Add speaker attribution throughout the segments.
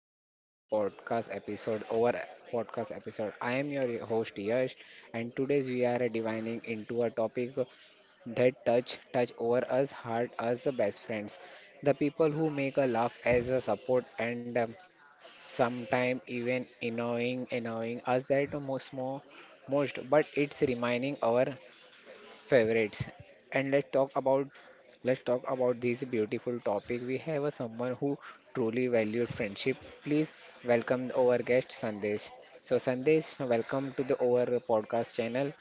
Speaker 1: back to another podcast episode. I am your host Yash, and today's we are divining into a topic that touch over us hard as the best friends, the people who make a laugh as a support and sometimes even annoying us that most more most. But it's reminding our favorites. And let's talk about this beautiful topic. We have a someone who truly valued friendship. Please welcome our guest Sandesh. So Sandesh, welcome to the our podcast channel.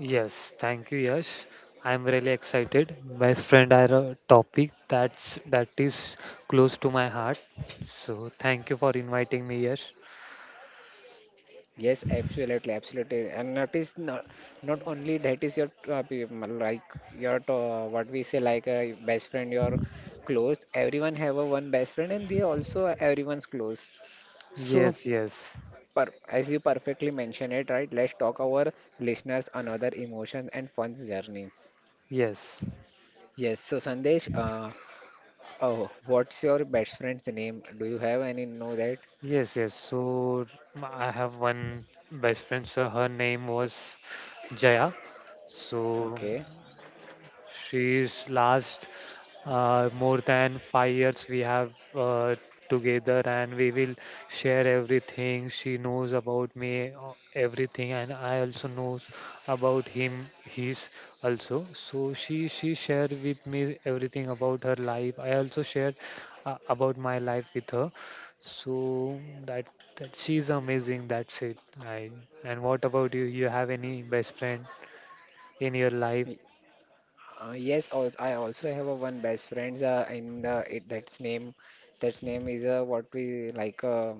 Speaker 2: Yes, thank you, Yash. I'm really excited. Best friend are a topic that is close to my heart. So thank you for inviting me, Yash.
Speaker 1: Yes, absolutely, absolutely. And that is not only that is your like your what we say like a best friend, your close. Everyone have a one best friend, and they also everyone's close. So
Speaker 2: Yes, yes,
Speaker 1: Per as you perfectly mentioned it, right? Let's talk our listeners another emotion and fun journey.
Speaker 2: yes,
Speaker 1: Yes. So Sandesh, oh, what's your best friend's name? Do you have any? Know that?
Speaker 2: yes. So I have one best friend. So her name was Jaya. So
Speaker 1: Okay.
Speaker 2: she's last more than 5 years we have together, and we will share everything. She knows about me, everything, and I also knows about him, his also. So she shared with me everything about her life. I also shared about my life with her. So that she's amazing. That's it. I and what about you? You have any best friend in your life?
Speaker 1: Y- yes. Also, I also have a one best friend's in the it, that's name. That's name is what we like.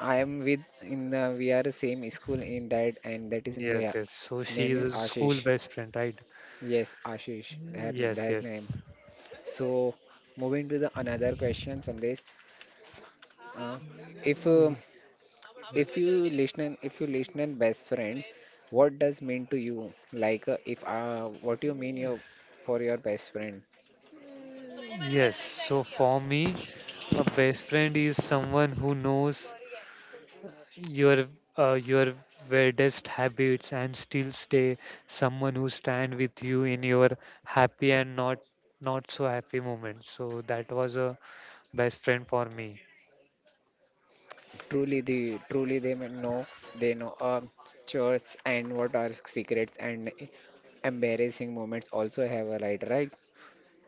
Speaker 1: I am with in the, we are same school in that and that is in
Speaker 2: Yes,
Speaker 1: the
Speaker 2: yes. So she
Speaker 1: name
Speaker 2: is
Speaker 1: is
Speaker 2: a school
Speaker 1: Ashish.
Speaker 2: best friend, right?
Speaker 1: Yes, Ashish.
Speaker 2: Mm,
Speaker 1: That
Speaker 2: yes,
Speaker 1: that name.
Speaker 2: yes.
Speaker 1: So moving to the another question, Sandesh. S- Uh, if uh, if you if you listen and best friends, what does mean to you? Like if what you mean your for your best friend?
Speaker 2: Yes. So for me, a best friend is someone who knows your your weirdest habits and still stay, someone who stand with you in your happy and not so happy moments. So that was a best friend for me.
Speaker 1: Truly the truly they know chores and what are secrets and embarrassing moments also have a right right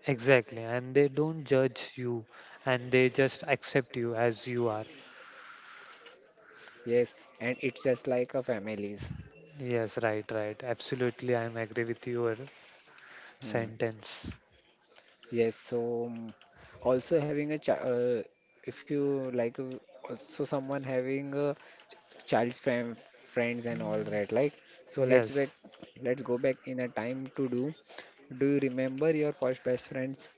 Speaker 2: Exactly. And they don't judge you, and they just accept you as you are.
Speaker 1: yes and it's just like a families.
Speaker 2: Yes, right, right. Absolutely, I'm agree with you
Speaker 1: Hmm.
Speaker 2: sentence.
Speaker 1: Yes, so also having a child, if you like, also someone having a child's friend, friends and all that, like, so
Speaker 2: Yes.
Speaker 1: let's go back in a time to do. Do you remember your first best friends?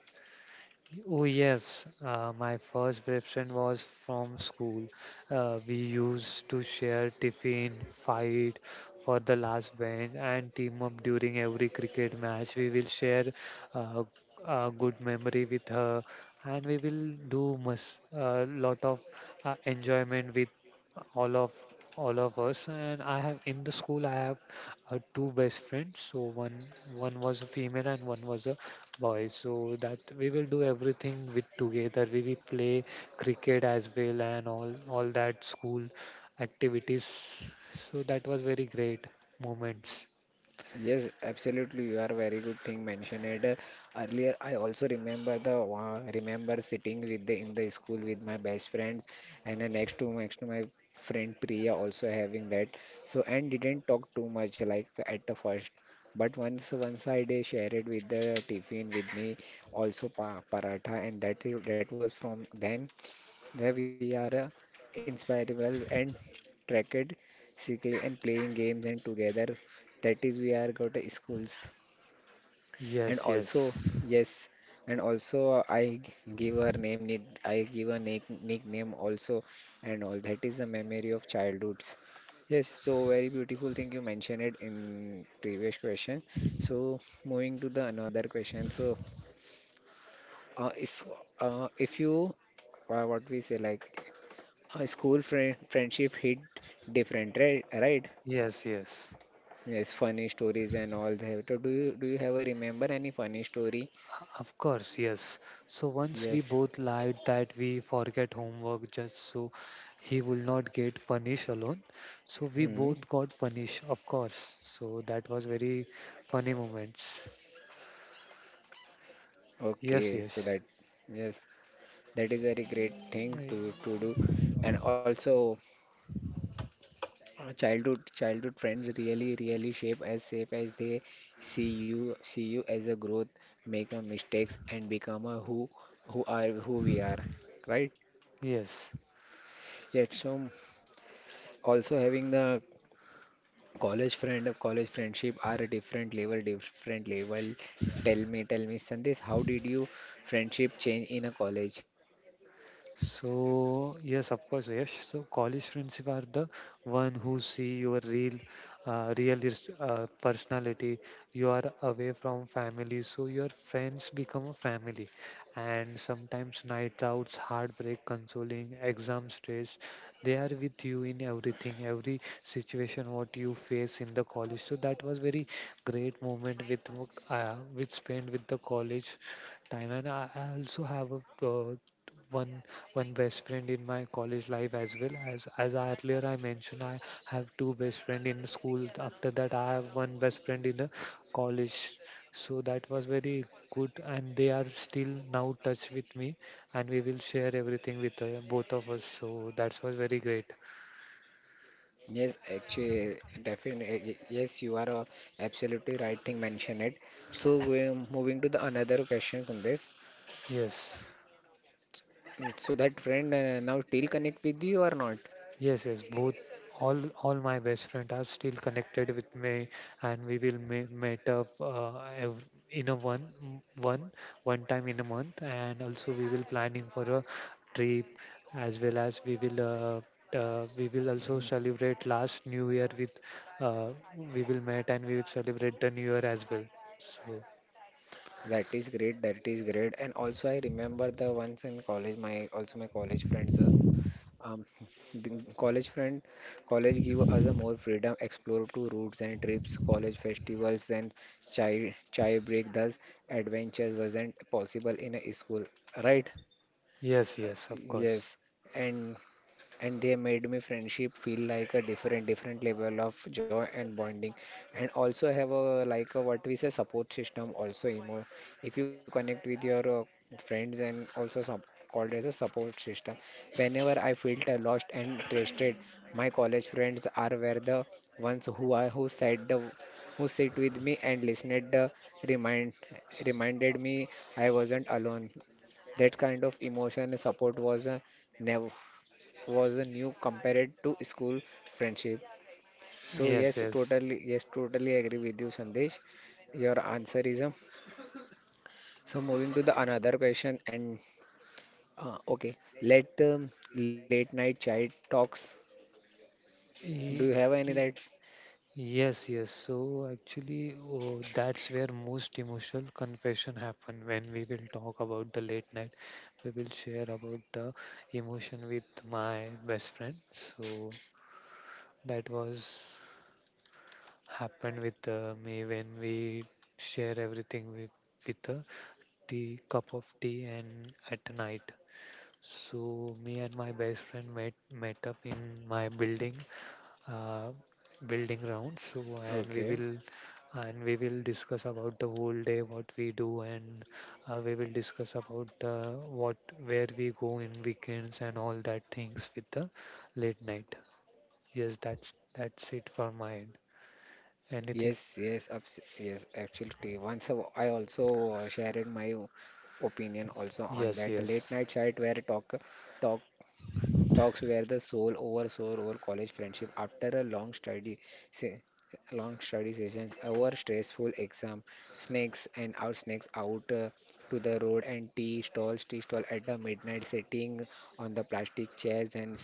Speaker 2: Oh, yes. My first best friend was from school. We used to share tiffin, fight for the last bench, and team up during every cricket match. We will share uh, a good memory with her, and we will do must a lot of enjoyment with all of all of us. And I have in the school, I have two best friends. So one was a female and one was a boys. So that we will do everything with together. We will play cricket as well and all that school activities. So that was very great moments.
Speaker 1: Yes, absolutely. You are very good thing mentioned it earlier. I also remember the remember sitting with the in the school with my best friends and then next to my friend Priya also having that. So and didn't talk too much like at the first, but once I did share it with the tiffin with me also pa paratha and that was from then where we are inspirable and tracked cycling and playing games and together that is we are got to schools and
Speaker 2: yes
Speaker 1: also
Speaker 2: yes
Speaker 1: yes and also give her name need I give her nickname also and all that is the memory of childhoods yes so very beautiful thing you mentioned it in previous question so moving to the another question so is if you what we say like a school friendship hit different, right? Right?
Speaker 2: yes yes
Speaker 1: Yes, funny stories and all that. So do you ever remember any funny story?
Speaker 2: Of course, yes. So once we
Speaker 1: Yes.
Speaker 2: both lied that we forget homework just so he will not get punished alone. So we
Speaker 1: Hmm.
Speaker 2: both got punished, of course. So that was very funny moments.
Speaker 1: Okay. So
Speaker 2: yes
Speaker 1: that
Speaker 2: yes
Speaker 1: yes, that is very great thing
Speaker 2: I-
Speaker 1: to do. And also, childhood friends really shape as safe as they see you as a growth, make a mistakes and become a who we are, right?
Speaker 2: yes
Speaker 1: Yes. So also having the college friend, college friendship are a different level. Tell me, Sandesh, how did you friendship change in a college?
Speaker 2: So yes, of course, yes. So college friends are the one who see your real, personality. You are away from family, so your friends become a family. And sometimes night outs, heartbreak, consoling, exam stress, they are with you in everything, every situation what you face in the college. So that was very great moment with which spent with the college time. And I also have a uh, one one best friend in my college life as well. As I earlier I mentioned, I have two best friend in school. After that, I have one best friend in the college. So that was very good, and they are still now touch with me, and we will share everything with both of us. So that was very great.
Speaker 1: Yes, actually, definitely, yes, you are absolutely right thing mentioned it. So, moving to the another question, Sandesh.
Speaker 2: Yes.
Speaker 1: So that friend now still connect with you or not?
Speaker 2: Yes, yes, both, all my best friends are still connected with me, and we will me meet up ev in a one m- one one time in a month, and also we will planning for a trip as well. As we will also
Speaker 1: Mhm.
Speaker 2: celebrate last New Year with uh, we will meet and we will celebrate the New Year as well. So
Speaker 1: That is great. And also, I remember the once in college, my also my college friends. Um, the college friend, college give us a more freedom, explore to routes and trips, college festivals and chai break. Thus, adventures wasn't possible in a school, right?
Speaker 2: yes, yes, of course.
Speaker 1: Yes, and and they made me friendship feel like a different level of joy and bonding and also have a like a what we say support system also emo if you connect with your friends and also some called as a support system whenever I felt lost and trusted my college friends are were the ones who said the who sit with me and listened the remind reminded me I wasn't alone that kind of emotion support was never was a new compared to school friendship. So
Speaker 2: Yes, yes.
Speaker 1: yes, totally agree with you, Sandesh. Your answer is So moving to the another question, and okay, let late night child talks. Do you
Speaker 2: Y-
Speaker 1: have any that?
Speaker 2: y- Yes, yes. So actually, oh, that's where most emotional confession happen when we will talk about the late night. We will share about the emotion with my best friend. So that was happened with me when we share everything with her, the cup of tea and at night. So me and my best friend met up in my building, uh, building round. So and we
Speaker 1: Okay.
Speaker 2: will and we will discuss about the whole day what we do, and we will discuss about the what where we go in weekends and all that things with the late night. Yes, that's it for my end. Anything?
Speaker 1: Yes, yes, yes. Actually, I also shared my opinion also on
Speaker 2: Yes,
Speaker 1: that
Speaker 2: yes,
Speaker 1: late night chat where talk talks were the sole, over soul over college friendship after a se- long study sessions over stressful exam snakes and out snakes out to the road and tea stall at the midnight sitting on the plastic chairs and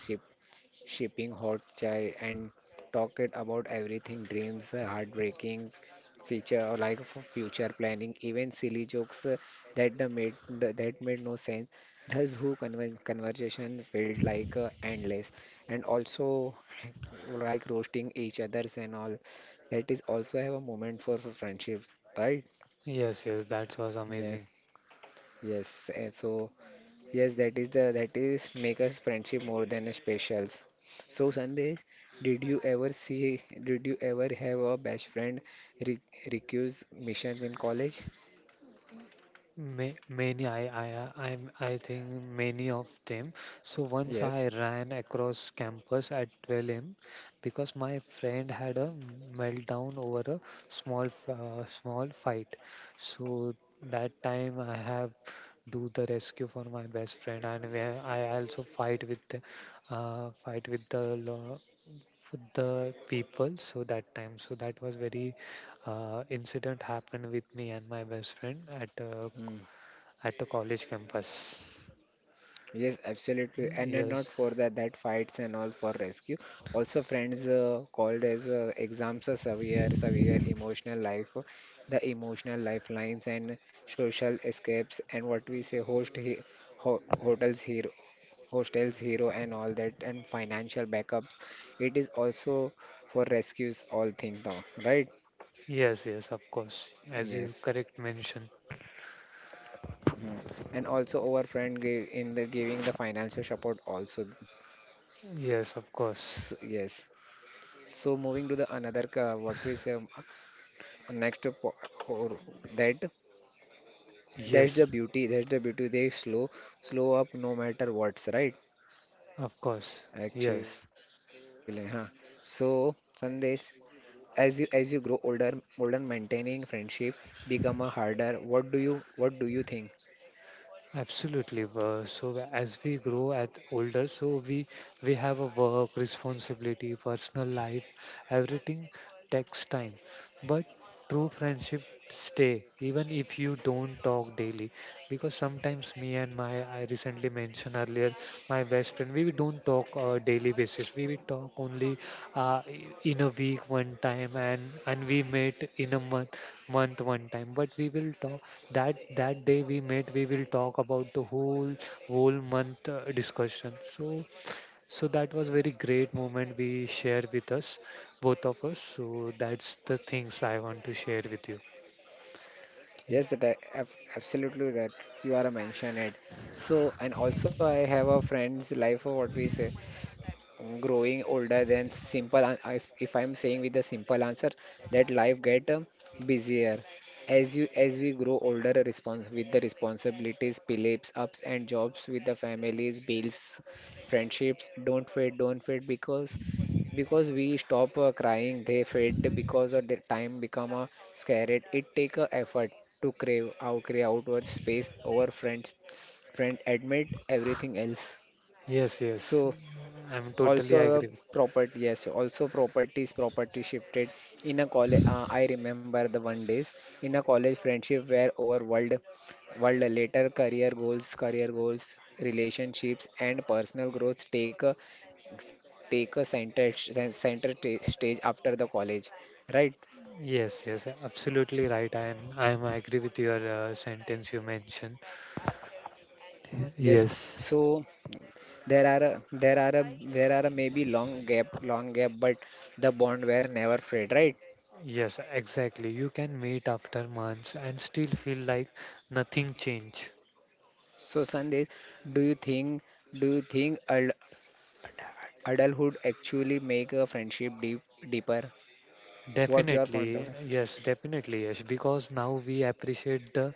Speaker 1: sipping hot chai, and talked about everything dreams, heartbreaking feature or like for future planning, even silly jokes that made no sense. Thus, who conven conversation felt like endless, and also like roasting each other's and all. That is also have a moment for friendship, right?
Speaker 2: yes. That was amazing.
Speaker 1: Yes, yes. And so. Yes, that is the that is make us friendship more than a specials. So Sandesh, did you ever have a best friend re recuse missions in college?
Speaker 2: Ma Many, I think many of them. So once
Speaker 1: Yes.
Speaker 2: I ran across campus at 12 a.m. because my friend had a meltdown over a small fight. So that time I have do the rescue for my best friend, and where I also fight with the law with the people. So that time, so that was very incident happened with me and my best friend
Speaker 1: Mm.
Speaker 2: at the college campus.
Speaker 1: Yes, absolutely. And then
Speaker 2: Yes,
Speaker 1: not for that that fights and all for rescue. Also friends called as exams are severe emotional life, the emotional lifelines and social escapes and what we say host he ho hotels here hostels, hero, and all that, and financial backups. It is also for rescues, all thing though, right?
Speaker 2: yes, of course. As you
Speaker 1: Yes.
Speaker 2: correct mention.
Speaker 1: Mhm. And also our friend gave in the giving the financial support also.
Speaker 2: Yes, of
Speaker 1: So,
Speaker 2: course.
Speaker 1: yes. So moving to the another what we say next to po- or that
Speaker 2: Yes,
Speaker 1: that's the beauty they slow up no matter what's right
Speaker 2: of course.
Speaker 1: actually
Speaker 2: Yes.
Speaker 1: huh so Sandesh as you grow older, older maintaining friendship become a harder. What do you think?
Speaker 2: Absolutely. As we grow at older, so we have a work responsibility, personal life, everything takes time. But true friendship stay even if you don't talk daily. Because sometimes me and my I recently mentioned earlier my best friend, we don't talk daily basis. We will talk only in a week one time, and we met in a month, one time. But we will talk that that day we met, we will talk about the whole month discussion. So so that was very great moment we share with us, both of us. So that's the things I want to share with you.
Speaker 1: Yes,
Speaker 2: Ye-
Speaker 1: absolutely that you are a mention it. So and also I have a friend's life of what we say growing older than simple. If I'm saying with the simple answer that life get busier as you as we grow older a respons with the responsibilities beliefs ups and jobs with the families bills friendships don't fit because we stop crying they fade because of the time become a scared it take a effort to crave outward space over friend admit everything else
Speaker 2: yes, yes,
Speaker 1: so
Speaker 2: I'm totally
Speaker 1: also
Speaker 2: agree with
Speaker 1: property yes also properties property shifted in a college I remember the one days in a college friendship where over world later career goals relationships and personal growth take a center st- center ta- stage after the college right
Speaker 2: yes. Yes, absolutely right. I am, I am agree with your sentence you mentioned.
Speaker 1: yes
Speaker 2: Yes,
Speaker 1: so there are a, there are a there are a maybe long gap but the bond were never frayed right
Speaker 2: yes, exactly. You can meet after months and still feel like nothing changed.
Speaker 1: so Sandesh do you think do you think adulthood actually make a friendship deeper what's your point
Speaker 2: Definitely,
Speaker 1: of
Speaker 2: yes, definitely, yes. Because now we appreciate the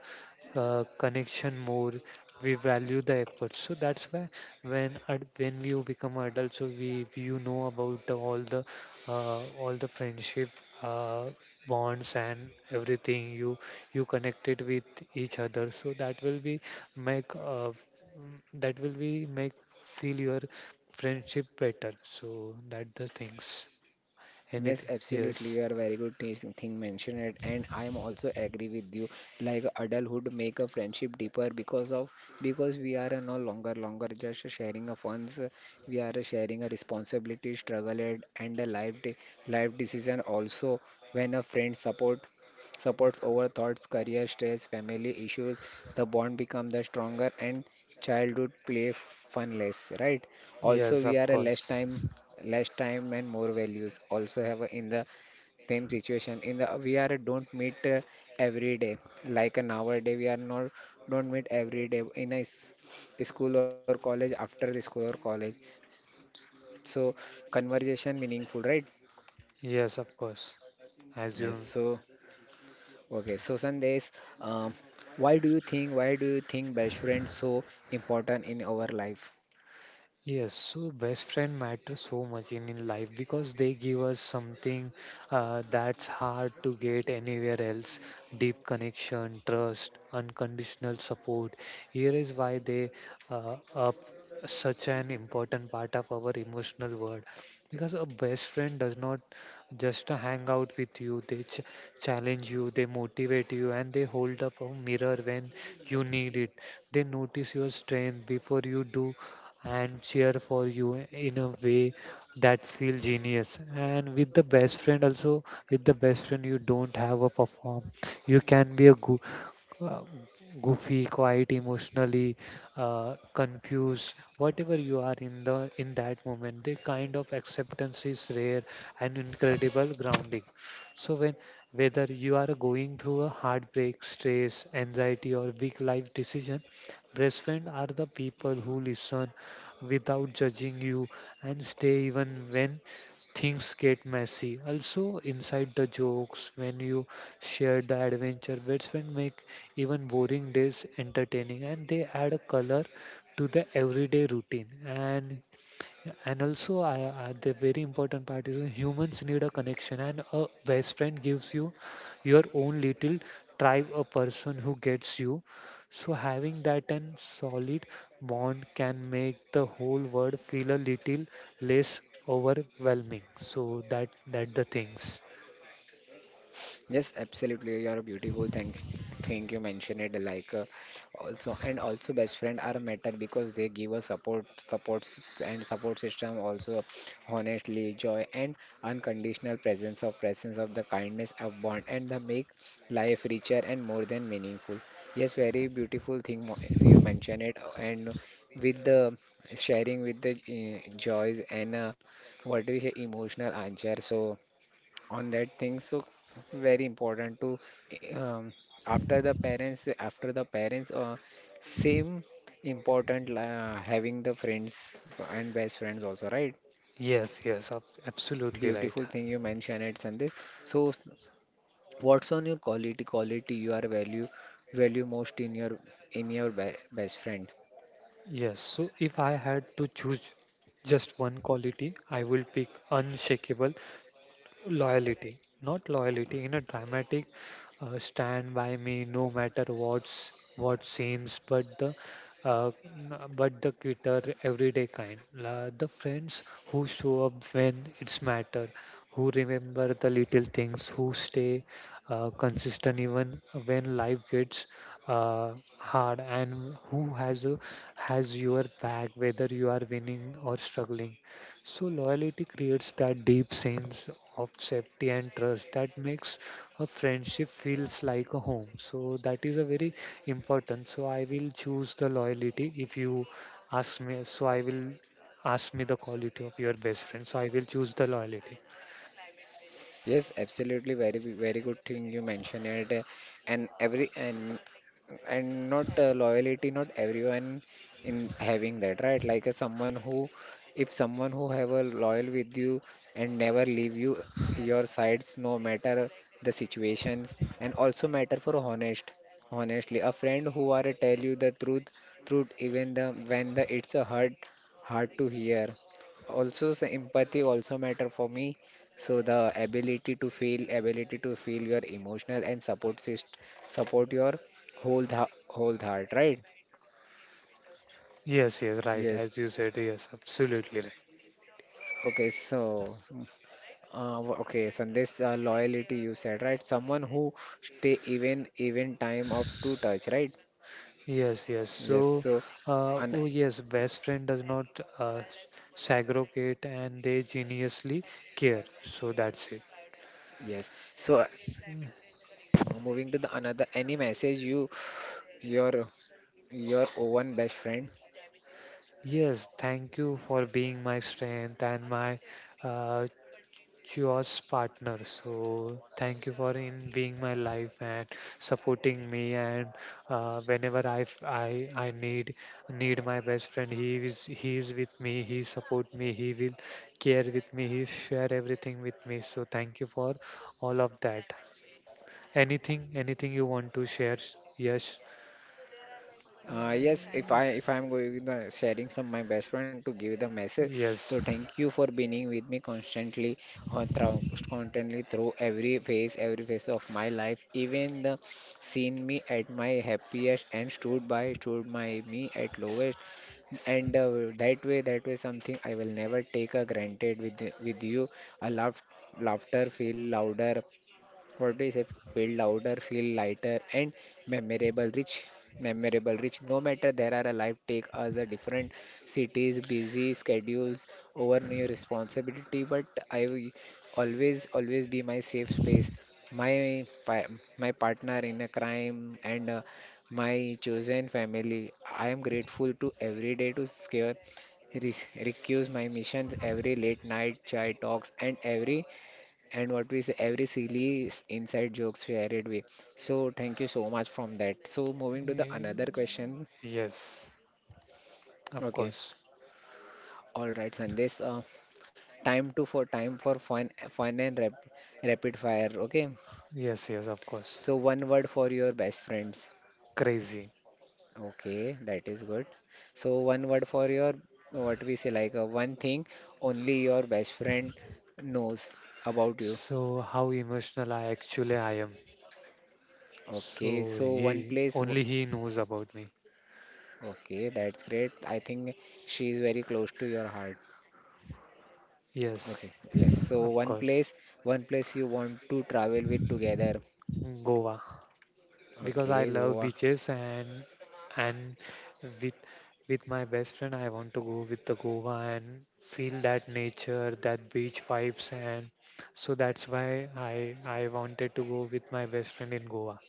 Speaker 2: connection more. We value the effort. So that's why when you become adult, so we you know about the, all the all the friendship uh, bonds and everything. You connected with each other. So that will be make that will be make feel your friendship better. So that the things.
Speaker 1: Yes,
Speaker 2: Anything,
Speaker 1: absolutely.
Speaker 2: yes.
Speaker 1: You are very good thing mentioned it, and I am also agree with you. Like adulthood make a friendship deeper because of because we are no longer longer just sharing of funds. We are sharing a responsibility, struggle, and a life decision also. When a friend support supports over thoughts, career stress, family issues. The bond become the stronger and childhood play fun less, right?
Speaker 2: Yes,
Speaker 1: Also, we
Speaker 2: of
Speaker 1: are a
Speaker 2: course.
Speaker 1: less time and more values. Also have in the same situation. In the we are a don't meet every day like an hour day. We are not don't meet every day in school or college after the school or college. So conversation meaningful, right?
Speaker 2: Yes, of course. As
Speaker 1: Yes.
Speaker 2: you—
Speaker 1: So. Okay, so Sandesh, um, why do you think best friends so important in our life?
Speaker 2: yes. So best friend matters so much in life because they give us something that's hard to get anywhere else. Deep connection, trust, unconditional support. Here is why they are such an important part of our emotional world. Because a best friend does not just hang out with you, they challenge you, they motivate you, and they hold up a mirror when you need it. They notice your strength before you do, and cheer for you in a way that feels genius. And with the best friend also, with the best friend you don't have a perform. You can be a good, uh, goofy, quiet, emotionally confused, whatever you are in the in that moment, the kind of acceptance is rare and incredible grounding. So when whether you are going through a heartbreak, stress, anxiety, or big life decision, best friend are the people who listen without judging you, and stay even when things get messy. Also, inside the jokes, when you share the adventure, that's when make even boring days entertaining, and they add a color to the everyday routine. And yeah, and also, the very important part is, humans need a connection, and a best friend gives you your own little tribe, a person who gets you. So, having that and solid bond can make the whole world feel a little less overwhelming. So that that the things.
Speaker 1: Yes, absolutely. You are beautiful. Thank thing you mentioned it like also and also best friend are a matter because they give us support support and support system also honestly joy and unconditional presence of the kindness of bond and the make life richer and more than meaningful. Yes, very beautiful thing you mentioned it and with the sharing with the joys and what do you say emotional answer, so on that thing, so very important to um, after the parents same important having the friends and best friends also, right?
Speaker 2: Yes, yes, absolutely right.
Speaker 1: Beautiful thing you mentioned it, Sandesh. So, what's on your quality you are value most in your be best friend?
Speaker 2: Yes. So if I had to choose just one quality, I will pick unshakable loyalty, not loyalty in a dramatic stand by me no matter what's what seems, but the but the quitter everyday kind. La, the friends who show up when it's matter, who remember the little things, who stay consistent even when life gets uh, hard, and who has a, has your back whether you are winning or struggling. So loyalty creates that deep sense of safety and trust that makes a friendship feels like a home. So that is a very important. So I will choose the loyalty. If you ask me, so I will ask me the quality of your best friend, so I will choose the loyalty.
Speaker 1: Yes, absolutely, very good thing you mentioned it. And not loyalty, not everyone in having that, right? Like someone who, if someone who have a loyal with you and never leave you your sides no matter the situations. And also matter for honestly, a friend who are tell you the truth even the when the it's a hard to hear. Also empathy also matter for me, so the ability to feel your emotional and support your Whole th whole heart, right?
Speaker 2: Yes, yes, right.
Speaker 1: Yes.
Speaker 2: As you said, yes, absolutely right.
Speaker 1: Okay, so okay, Sandesh, loyalty you said, right? Someone who stay even time of to touch, right?
Speaker 2: Yes, yes.
Speaker 1: Yes.
Speaker 2: So,
Speaker 1: So, an
Speaker 2: oh yes, best friend does not uh, s- segregate, and they geniusly care. So that's it.
Speaker 1: yes. So, moving to the another, any message you your your own best friend.
Speaker 2: Yes, thank you for being my strength and my uh, choice partner. So thank you for in being my life and supporting me. And whenever I, f- I need need my best friend, he is with me. He support me. He will care with me. He share everything with me. So thank you for all of that. Anything, anything you want to share? Yes,
Speaker 1: Yes, if I'm going sharing some my best friend to give the message,
Speaker 2: yes.
Speaker 1: so thank you for being with me constantly, uh, through, constantly through every every phase of my life. Even the seen me at my happiest and stood my me at lowest. And that way something I will never take a granted with you. A laugh, laughter feel louder, what is a feel lighter, and memorable, rich, memorable, rich. No matter there are a life take us a different cities, busy schedules, over new responsibility, but I will always be my safe space, my pa- my partner in a crime, and my chosen family. I am grateful to every day to scare recuse my missions, every late night chai talks and every and what we say every silly inside jokes shared added. So thank you so much from that. So moving to the
Speaker 2: Eh,
Speaker 1: another question.
Speaker 2: yes. Of
Speaker 1: Okay.
Speaker 2: course.
Speaker 1: All right, Sandesh. Time for fun and rapid fire. Okay.
Speaker 2: Yes, yes, of course.
Speaker 1: So one word for your best friends.
Speaker 2: Crazy.
Speaker 1: Okay, that is good. So one word for your what we say, like one thing only your best friend knows about you.
Speaker 2: So how emotional I actually I am.
Speaker 1: Okay,
Speaker 2: So
Speaker 1: so one
Speaker 2: he
Speaker 1: place w-
Speaker 2: only he knows about me.
Speaker 1: Okay, that's great. I think she is very close to your heart.
Speaker 2: Yes,
Speaker 1: Okay, yes. So
Speaker 2: of course.
Speaker 1: one place you want to travel with together.
Speaker 2: Goa because I
Speaker 1: Okay,
Speaker 2: love
Speaker 1: Goa.
Speaker 2: beaches and with with my best friend I want to go with the Goa and feel that nature, that beach vibes and so that's why I wanted to go with my best friend in Goa.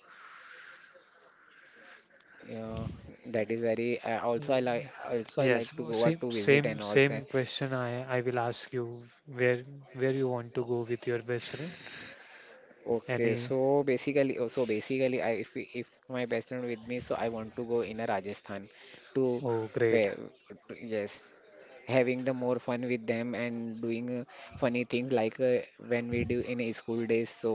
Speaker 1: Yeah, that is very. Also, I like.
Speaker 2: Ye-
Speaker 1: Also, I like to
Speaker 2: Yes,
Speaker 1: Goa to
Speaker 2: same
Speaker 1: visit and
Speaker 2: same
Speaker 1: also.
Speaker 2: same question I will ask you where where you want to go with your best friend?
Speaker 1: Okay, so
Speaker 2: Any?
Speaker 1: basically, oh, so basically, I if we- if my best friend with me, so I want to go in a Rajasthan to
Speaker 2: Oh, great.
Speaker 1: where. Yes, having the more fun with them and doing funny things, like when we do in a school days. So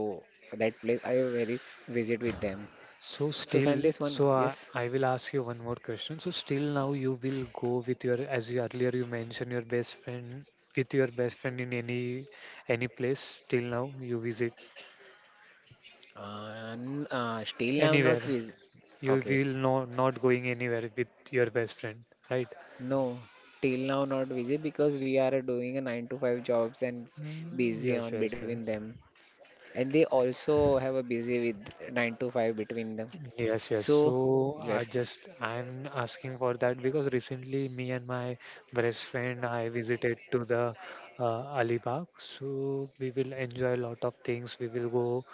Speaker 1: that place I very visit with them.
Speaker 2: So
Speaker 1: So
Speaker 2: still,
Speaker 1: Sandesh one,
Speaker 2: so I,
Speaker 1: yes.
Speaker 2: I will ask you one more question. So still now you will go with your as you earlier you mentioned your best friend with your best friend in any place till now you visit
Speaker 1: Still now not
Speaker 2: anywhere.
Speaker 1: visit.
Speaker 2: You
Speaker 1: Okay.
Speaker 2: will no not going anywhere with your best friend, right?
Speaker 1: No, till now not busy because we are doing a 9 to 5 jobs and
Speaker 2: Mm,
Speaker 1: busy
Speaker 2: yes,
Speaker 1: on
Speaker 2: yes,
Speaker 1: between
Speaker 2: yes.
Speaker 1: them. And they also have a busy with 9 to 5 between them.
Speaker 2: Yes, yes.
Speaker 1: So,
Speaker 2: So I
Speaker 1: yes.
Speaker 2: just I'm asking for that because recently me and my best friend I visited to the Alibag. So we will enjoy a lot of things. We will go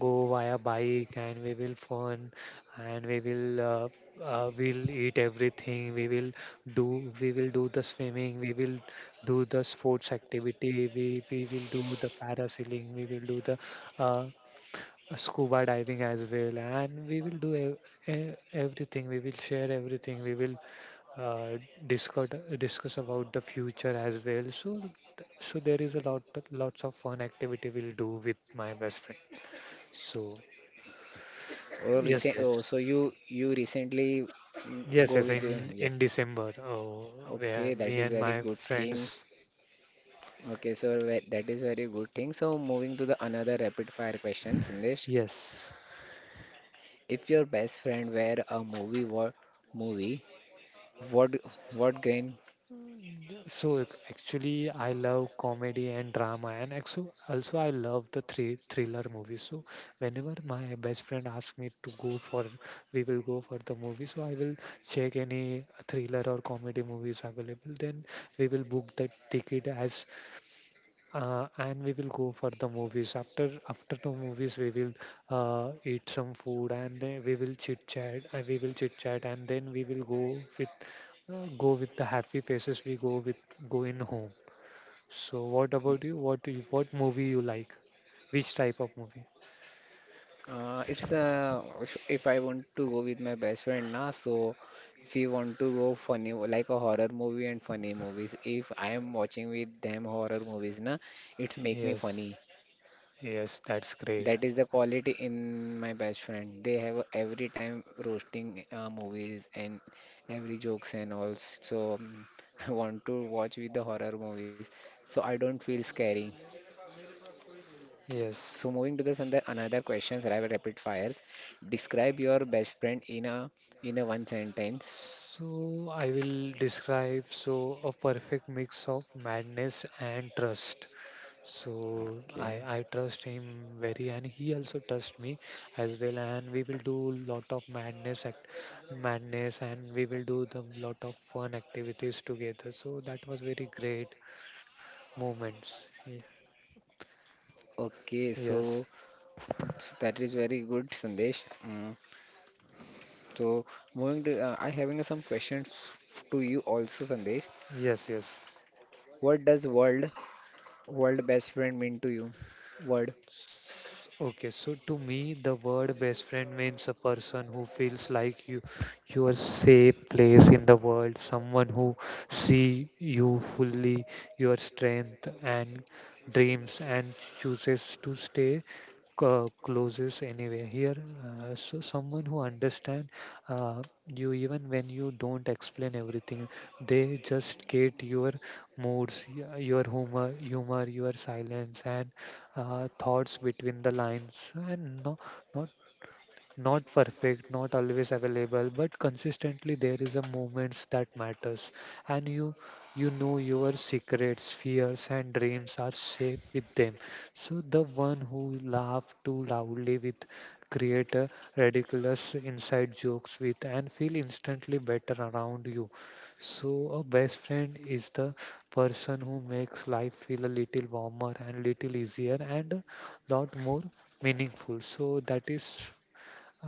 Speaker 2: go via bike and we will fun and we will we'll eat everything. We will do the swimming. We will do the sports activity. We will do the parasailing. We will do the uh, scuba diving as well, and we will do everything. We will share everything. We will uh, discuss discuss about the future as well. So, so there is a lot lots of fun activity we'll do with my best friend. So,
Speaker 1: Oh,
Speaker 2: yes,
Speaker 1: recent,
Speaker 2: yes,
Speaker 1: oh, so you recently mm,
Speaker 2: yes,
Speaker 1: go
Speaker 2: yes.
Speaker 1: with the, yes.
Speaker 2: In December, oh,
Speaker 1: Okay,
Speaker 2: where
Speaker 1: that
Speaker 2: me
Speaker 1: is
Speaker 2: and
Speaker 1: very
Speaker 2: my
Speaker 1: good thing.
Speaker 2: friends.
Speaker 1: Okay, so that is very good thing. So moving to the another rapid fire question, Sandesh.
Speaker 2: Yes.
Speaker 1: If your best friend were a movie? What what game?
Speaker 2: Mm, yeah. So actually, I love comedy and drama, and also, also I love the three thriller movies. So whenever my best friend asks me to go for, we will go for the movie. So I will check any thriller or comedy movies available. Then we will book the ticket as and we will go for the movies. After after the movies, we will eat some food, and then we will chit chat. We will chit chat, and then we will go with the happy faces. We go with go in home. So, what about you? What do you, what movie you like? Which type of movie?
Speaker 1: It's if I want to go with my best friend now, so we want to go funny, like a horror movie and funny movies. If I am watching with them horror movies na, it's make me
Speaker 2: Yes,
Speaker 1: funny.
Speaker 2: yes, that's great.
Speaker 1: That is the quality in my best friend. They have every time roasting movies and every jokes and all. So I want to watch with the horror movies. So I don't feel scary. So
Speaker 2: Yes.
Speaker 1: moving to this and the another questions, I will rapid fires. Describe your best friend in a one sentence.
Speaker 2: So I will describe so a perfect mix of madness and trust. So I
Speaker 1: Okay.
Speaker 2: I trust him very, and he also trusts me as well. And we will do lot of madness act, madness, and we will do the lot of fun activities together. So that was very great moments. Ye-
Speaker 1: Okay,
Speaker 2: Yes,
Speaker 1: so, so that is very good, Sandesh. Mm. So moving to, I having some questions to you also, Sandesh.
Speaker 2: yes, yes.
Speaker 1: What does World best friend mean to you? Word.
Speaker 2: Okay, so to me, the word best friend means a person who feels like you, your safe place in the world, someone who see you fully, your strength and dreams, and chooses to stay closest anyway. Here, so someone who understand you even when you don't explain everything, they just get your moods, your humor, humor, your silence, and thoughts between the lines and no, not not perfect, not always available, but consistently there is a movements that matters. And you know your secrets, fears and dreams are safe with them. So the one who laugh too loudly with create a ridiculous inside jokes with and feel instantly better around you. So a best friend is the person who makes life feel a little warmer and little easier and a lot more meaningful. So that is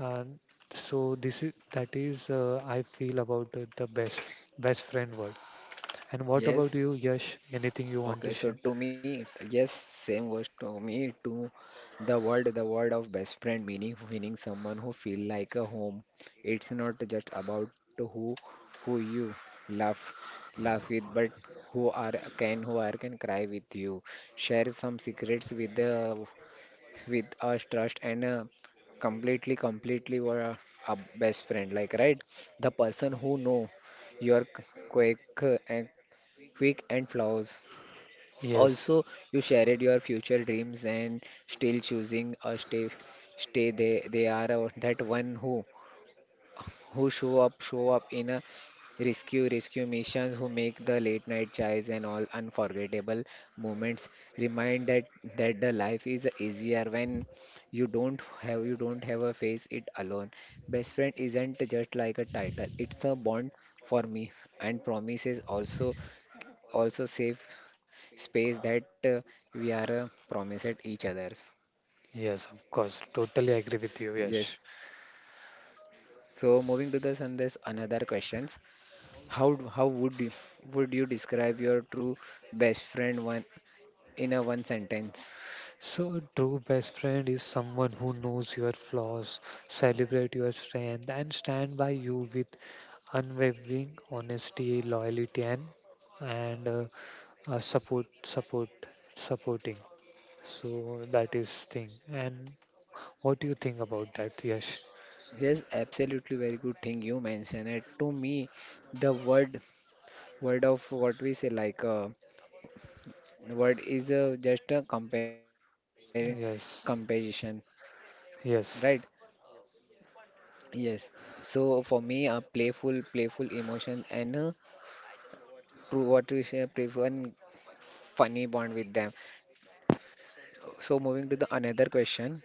Speaker 2: uh, so this is that is I feel about the best best friend word. And what about
Speaker 1: Yes.
Speaker 2: you, Yash? Anything you
Speaker 1: Okay.
Speaker 2: want to
Speaker 1: So
Speaker 2: share?
Speaker 1: to me, yes, same words to me. To the word of best friend meaning someone who feel like a home. It's not just about who you laugh laugh with, but who are who are can cry with you, share some secrets with the with our trust, and completely a best friend, like, right? The person who know your uh, and quick and flaws, also
Speaker 2: Yes,
Speaker 1: you shared your future dreams and still choosing a stay. They are that one who show up in a rescue missions, who make the late night chais and all unforgettable moments, remind that the life is easier when you don't have a face it alone. Best friend isn't just like a title, it's a bond for me, and promises also, also safe space that we are promised each others.
Speaker 2: yes, of course. Totally agree with you,
Speaker 1: Yes,
Speaker 2: Yash.
Speaker 1: so moving to the Sandesh, another questions. How would you describe your true best friend one in a one sentence?
Speaker 2: So, a true best friend is someone who knows your flaws, celebrate your strength, and stand by you with unwavering honesty, loyalty, and support, support, supporting. So that is thing. And what do you think about that? Yes,
Speaker 1: Yes, absolutely, very good thing you mentioned it. To me, the word word of what we say, like the word is just a compare comparison,
Speaker 2: yes,
Speaker 1: right?
Speaker 2: yes,
Speaker 1: Yes. So for me, a playful emotion and a true what we say playful and funny bond with them. So moving to the another question.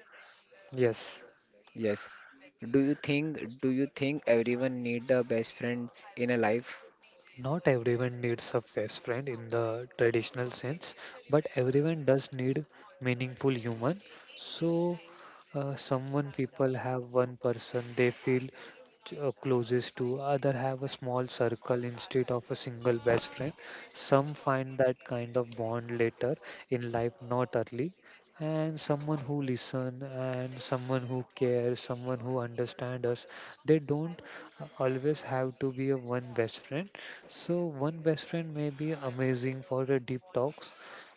Speaker 2: yes.
Speaker 1: Yes. Do you think everyone need a best friend in a life?
Speaker 2: Not everyone needs a best friend in the traditional sense, but everyone does need meaningful human. So, someone people have one person they feel closest to, other have a small circle instead of a single best friend. Some find that kind of bond later in life, not early. And someone who listen and someone who cares, someone who understand us. They don't always have to be a one best friend. So one best friend may be amazing for the deep talks,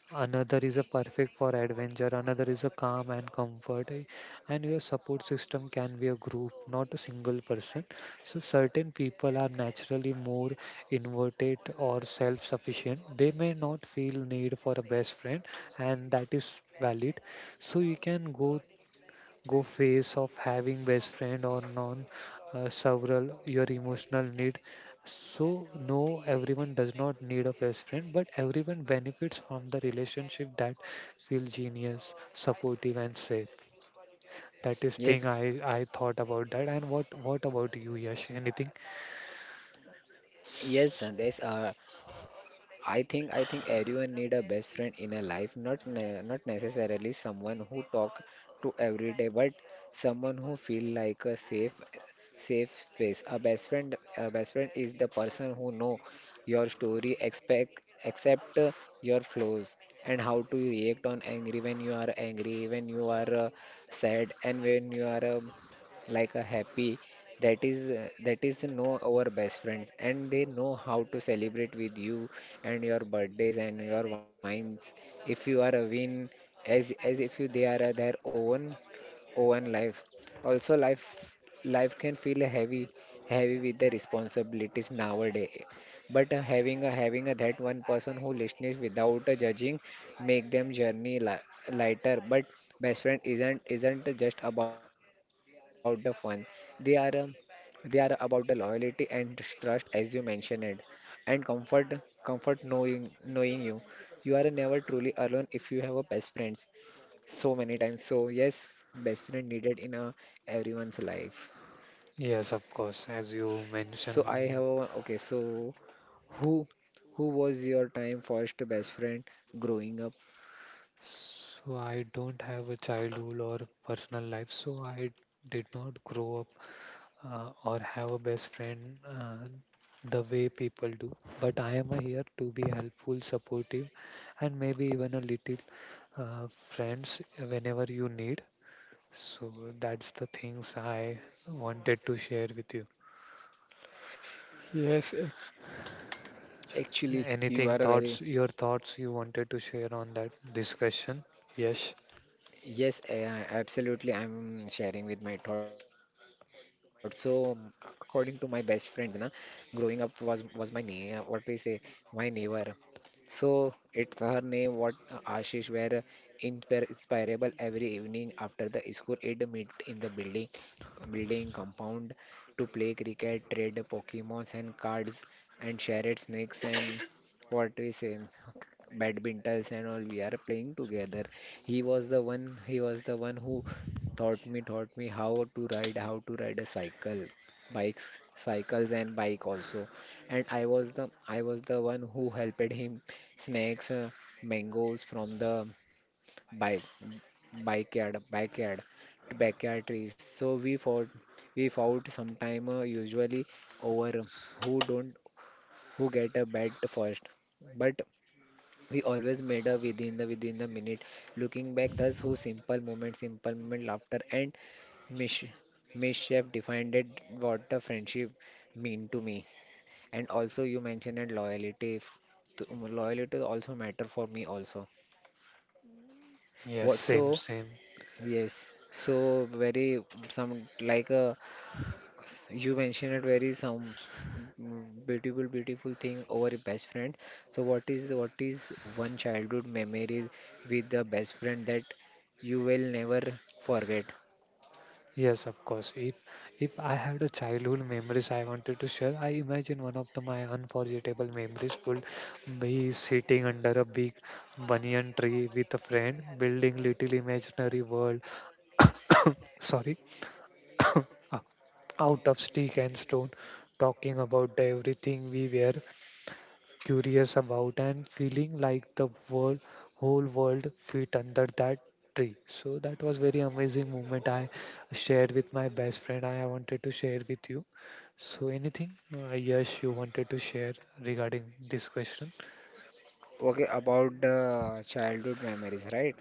Speaker 2: another is a perfect for adventure, another is a calm and comfort, eh, and your support system can be a group not a single person. So certain people are naturally more inverted or self sufficient. They may not feel need for a best friend, and that is valid. So you can go go phase of having best friend or non several your emotional need. So no, everyone does not need a best friend, but everyone benefits from the relationship that feel genius supportive and safe. That is thing
Speaker 1: Yes.
Speaker 2: I thought about that. And what about you, Yash? Anything?
Speaker 1: Yes, Sandesh. I think everyone need a best friend in a life. Not necessarily someone who talk to every day, but someone who feel like a safe space. A best friend is the person who know your story, expect accept your flaws and how to react on angry when you are angry, when you are sad, and when you are like a happy. That is know our best friends, and they know how to celebrate with you and your birthdays and your wines if you are a win, as if you they are their own own life. Also, life can feel heavy, heavy with the responsibilities nowadays. But having a that one person who listens without judging make them journey li lighter. But best friend isn't just about the fun. They are um, they are about the loyalty and trust, as you mentioned it, and comfort knowing, knowing you you are never truly alone if you have a best friends so many times. So yes, best friend needed in a everyone's life.
Speaker 2: Yes, of course, as you
Speaker 1: So I have
Speaker 2: mentioned.
Speaker 1: okay. So who who was your time first best friend growing up?
Speaker 2: So I don't have a childhood or personal life, so I did not grow up or have a best friend uh, the way people do. But I am here to be helpful, supportive, and maybe even a little friends whenever you need. So that's the things I wanted to share with you.
Speaker 1: Yes, actually, you are
Speaker 2: Anything
Speaker 1: a very
Speaker 2: thoughts, your thoughts you wanted to share on that this question? Yes,
Speaker 1: yes, absolutely. I'm sharing with my thoughts. So, according to my best friends, na, growing up was my ne what we say, my neighbor. So it's her name, what Ashish, were inspirable every evening after the school. It meet in the building compound to play cricket, trade Pokemons and cards, and share its snakes and what we say badmintons and all we are playing together. He was the one who taught me how to ride a cycle, bikes, cycles and bike also. And I was the one who helped him snacks, mangoes from the bike backyard backyard backyard trees. So we fought sometime, usually over who don't who get a bed first, but we always made a within the minute. Looking back, thus who simple moment, laughter and mish mischief defined it what the friendship mean to me. And also you mentioned it loyalty also matter for me also
Speaker 2: yes,
Speaker 1: what so.
Speaker 2: same, same.
Speaker 1: Yes, so very some, like a you mentioned it very some, beautiful thing over a best friend. So what is one childhood memory with the best friend that you will never forget?
Speaker 2: Yes, of course. If I had a childhood memories I wanted to share, I imagine one of the, my unforgettable memories would be sitting under a big banyan tree with a friend, building little imaginary world. Sorry, out of stick and stone, talking about the everything we were curious about and feeling like the world, whole world fit under that tree. So that was very amazing moment I shared with my best friend. I wanted to share with you. So anything, yes, you wanted to share regarding this question?
Speaker 1: Okay, about the childhood memories, right?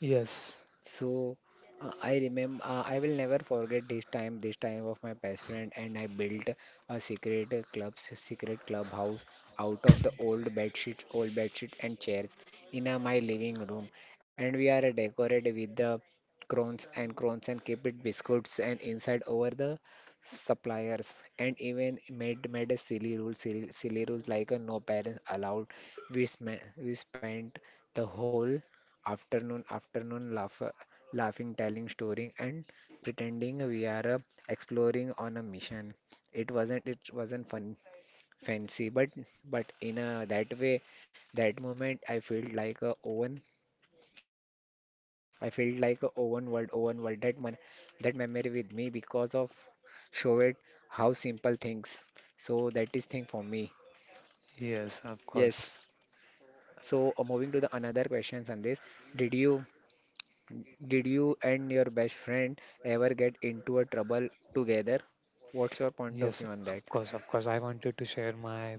Speaker 2: Yes,
Speaker 1: So I remember, I will never forget this time of my best friend, and I built a secret secret clubhouse out of the old bed sheets and chairs in my living room, and we are decorated with the crowns and keep it biscuits and inside over the suppliers, and even made a silly, silly rules like a no parents allowed. We we spent the whole afternoon, laughing, telling story, and pretending we are exploring on a mission. It wasn't fun fancy, but in a that way, that moment I felt like a own I felt like a own world, own world. That man, that memory with me because of show it how simple things. So that is thing for me.
Speaker 2: yes, of
Speaker 1: Yes.
Speaker 2: course.
Speaker 1: So moving to the another questions on this, did you Did you and your best friend ever get into a trouble together? What's your point of
Speaker 2: Yes,
Speaker 1: view on that?
Speaker 2: of course, of course. I wanted to share my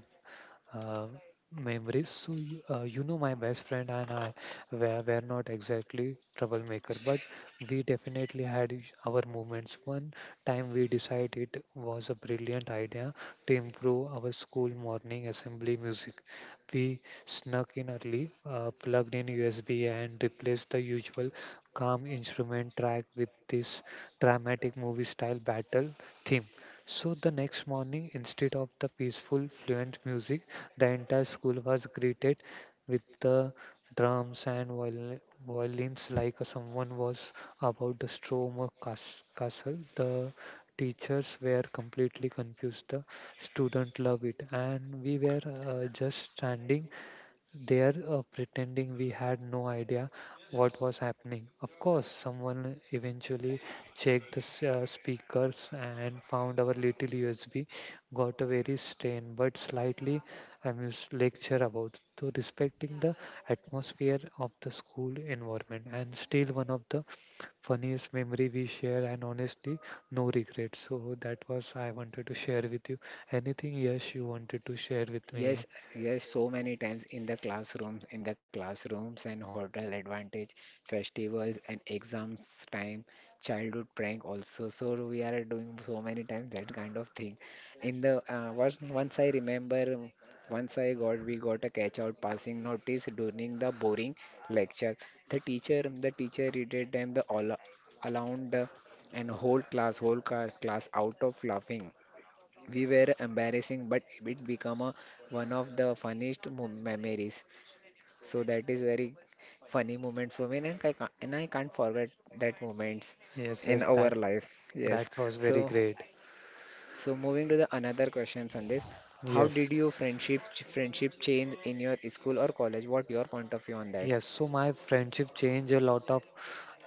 Speaker 2: uh, memories. So you, you know, my best friend and I were not exactly troublemaker, but we definitely had our moments. One time we decided it was a brilliant idea to improve our school morning assembly music. We snuck in early, plugged in USB, and replaced the usual calm instrument track with this dramatic movie style battle theme. So the next morning, instead of the peaceful, fluent music, the entire school was greeted with the drums and violins like someone was about to storm a castle. The teachers were completely confused. The students loved it, and we were just standing there pretending we had no idea what was happening. Of course, someone eventually checked the speakers and found our little USB, got a very strained but slightly amused lecture about to respecting the atmosphere of the school environment, and still one of the funniest memory we share, and honestly no regrets. So that was I wanted to share with you. Anything yes you wanted to share with me?
Speaker 1: Yes, yes, so many times in the classrooms and hotel advantage, festivals and exams time, childhood prank also. So we are doing so many times that kind of thing. In the Once I remember, once I got we got a catch out passing notice during the boring lecture. The teacher read them the all allowed the and whole class, class out of laughing we were embarrassing but it became a, one of the funniest memories so that is very funny moment for me and I can't forget that moments
Speaker 2: Yes,
Speaker 1: in
Speaker 2: yes,
Speaker 1: our
Speaker 2: that.
Speaker 1: life. Yes.
Speaker 2: That was very
Speaker 1: so
Speaker 2: great.
Speaker 1: so moving to the another questions on this. How
Speaker 2: Yes.
Speaker 1: did your friendship change in your school or college? What your point of view on that?
Speaker 2: Yes. So my friendship changed a lot of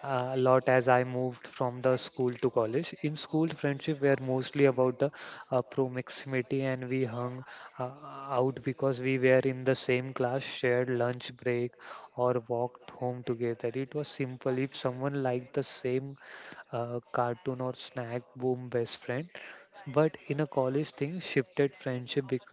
Speaker 2: a lot as I moved from the school to college. In school, friendship were mostly about the proximity, and we hung uh, out because we were in the same class, shared lunch break, or walked home together. It was simple. If someone liked the same cartoon or snack, boom, best friend. But in a college thing, shifted friendship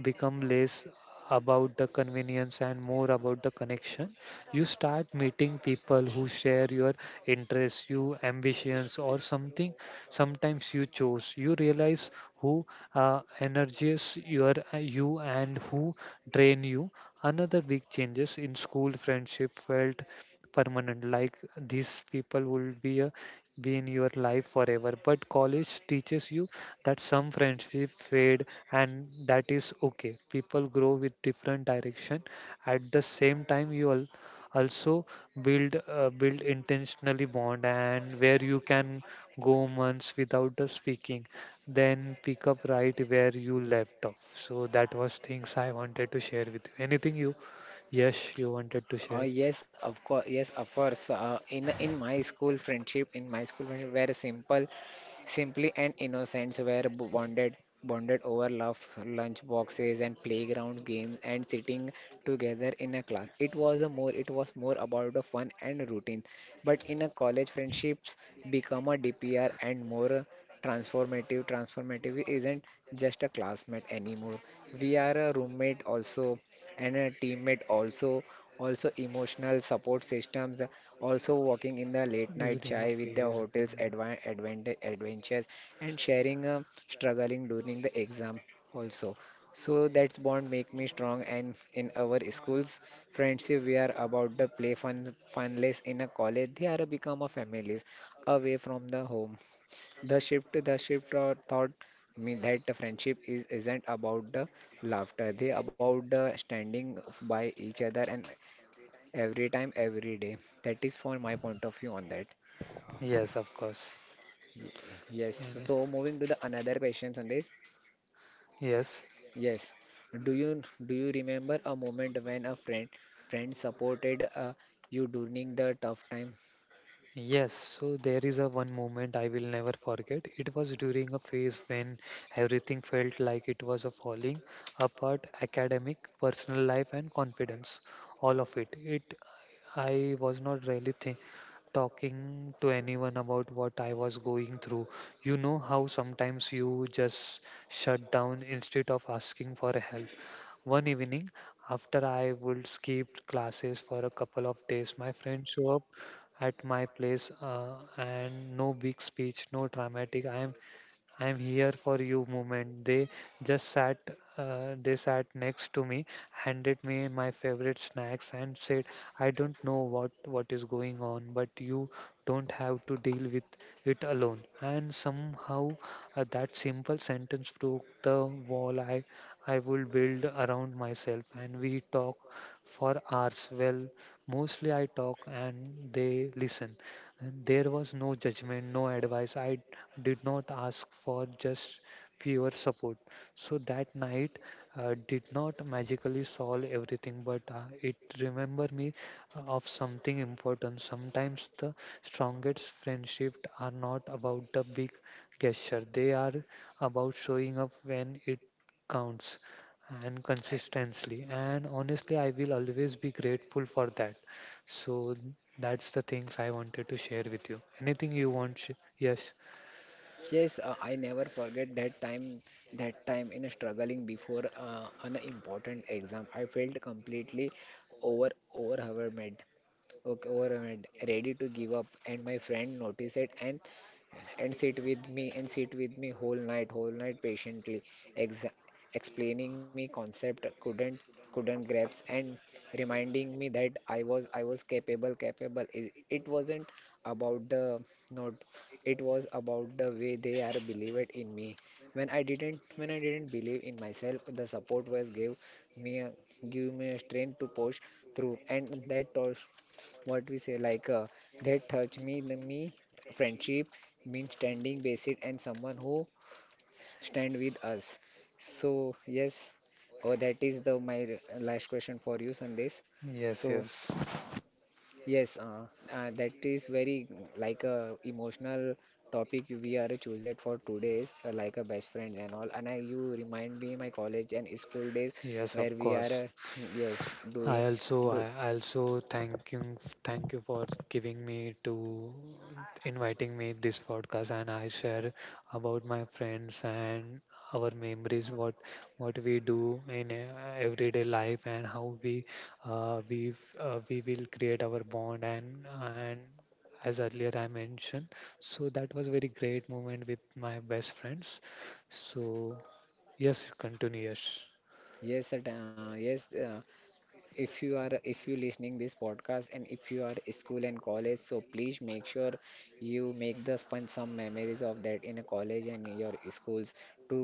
Speaker 2: become less about the convenience and more about the connection. You start meeting people who share your interests, your ambitions, or something. Sometimes you chose, you realize who energizes your you and who drain you. Another big changes in school friendship felt permanent, like these people will be a, be in your life forever, but college teaches you that some friendship fade and that is okay. People grow with different direction. At the same time, you all also build build intentionally bond, and where you can go months without the speaking, then pick up right where you left off. So that was things I wanted to share with you. Anything you yes you wanted to share
Speaker 1: Yes, of course. In my school friendship in my school friendship very simple. Simply and Innocents were bonded bonded over love, lunch boxes and playground games and sitting together in a class. It was more about the fun and routine. But in a college friendships become a DPR and more transformative. Transformative isn't just a classmate anymore. We are a roommate also and a teammate also, also emotional support systems, also walking in the late night
Speaker 2: during a
Speaker 1: chai with the
Speaker 2: phase?
Speaker 1: hotel's
Speaker 2: Mm,
Speaker 1: advan advent adventures and sharing struggling during the exam also. So that's bond make me strong and in our schools friendship we are about the play fun funless in a college they are become a families away from the home. The shift thought, me that the friendship is isn't about the laughter. They about the standing by each other and every time, every day. That is for my point of view on that.
Speaker 2: yes, of course.
Speaker 1: Yes. So
Speaker 2: Any-
Speaker 1: moving to the another questions on this.
Speaker 2: yes.
Speaker 1: Yes. Do you do you remember a moment when a friend supported you during the tough time?
Speaker 2: Yes, so there is a one moment I will never forget. It was during a phase when everything felt like it was a falling apart, academic, personal life and confidence, all of it. It I was not really talking to anyone about what I was going through. You know how sometimes you just shut down instead of asking for help. One evening, after I would skip classes for a couple of days, my friend show up at my place and no big speech, no dramatic. I am I'm here for you moment. They just sat, they sat next to me, handed me my favorite snacks, and said, I don't know what is going on, but you don't have to deal with it alone. And somehow that simple sentence broke the wall I would build around myself. And we talk for hours. Well, mostly I talk and they listen. And there was no judgment, no advice. I did not ask for just fewer support. So that night did not magically solve everything, but it remember me of something important. Sometimes the strongest friendships are not about the big gesture, they are about showing up when it counts and consistently and honestly. I will always be grateful for that. So that's the things I wanted to share with you. Anything you want yes?
Speaker 1: Yes, I never forget that time in struggling before an important exam. I felt completely overwhelmed, okay, overwhelmed, ready to give up, and my friend noticed it and and sit with me whole night patiently, ex explaining me concept couldn't grasp and reminding me that I was capable, capable. It wasn't about the not, it was about the way they are believed in me. When I didn't believe in myself, the support was gave me a, give me a strength to push through and that also what we say like that touch me the me friendship means standing basic and someone who stand with us. So yes, oh that is the my last question for you, Sandesh.
Speaker 2: Yes,
Speaker 1: So
Speaker 2: yes,
Speaker 1: yes, that is very like a emotional topic we are chosen for today's like a best friends and all, and I, you remind me my college and school days
Speaker 2: yes, of
Speaker 1: where we are
Speaker 2: course.
Speaker 1: yes doing do.
Speaker 2: I also thank you for giving me to inviting me this podcast, and I share about my friends and our memories, what we do in everyday life, and how we we will create our bond and as earlier I mentioned. So that was very great moment with my best friends. So yes, continue, yes.
Speaker 1: yes uh, yes uh, if you are, if you listening this podcast and if you are school and college, so please make sure you make the fun some memories of that in a college and your schools to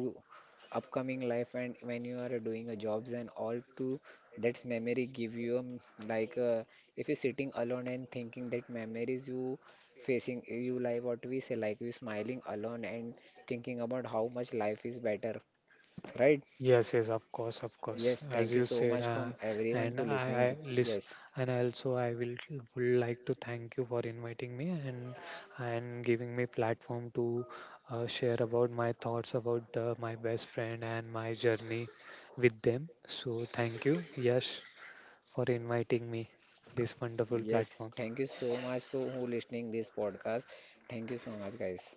Speaker 1: upcoming life and when you are doing a jobs and all, to that's memory give you like if you're sitting alone and thinking that memories you facing you, like what we say, like you smiling alone and thinking about how much life is better, right?
Speaker 2: Yes, yes, of course, of course.
Speaker 1: Yes,
Speaker 2: As
Speaker 1: thank you
Speaker 2: you
Speaker 1: so
Speaker 2: said,
Speaker 1: much from everyone
Speaker 2: and
Speaker 1: to
Speaker 2: I,
Speaker 1: listening.
Speaker 2: I list,
Speaker 1: Yes.
Speaker 2: and also I will would like to thank you for inviting me and giving me platform to share about my thoughts about my best friend and my journey with them. So thank you, Yash, for inviting me this wonderful
Speaker 1: Yes,
Speaker 2: platform.
Speaker 1: thank you so much. So who listening this podcast? Thank you so much, guys.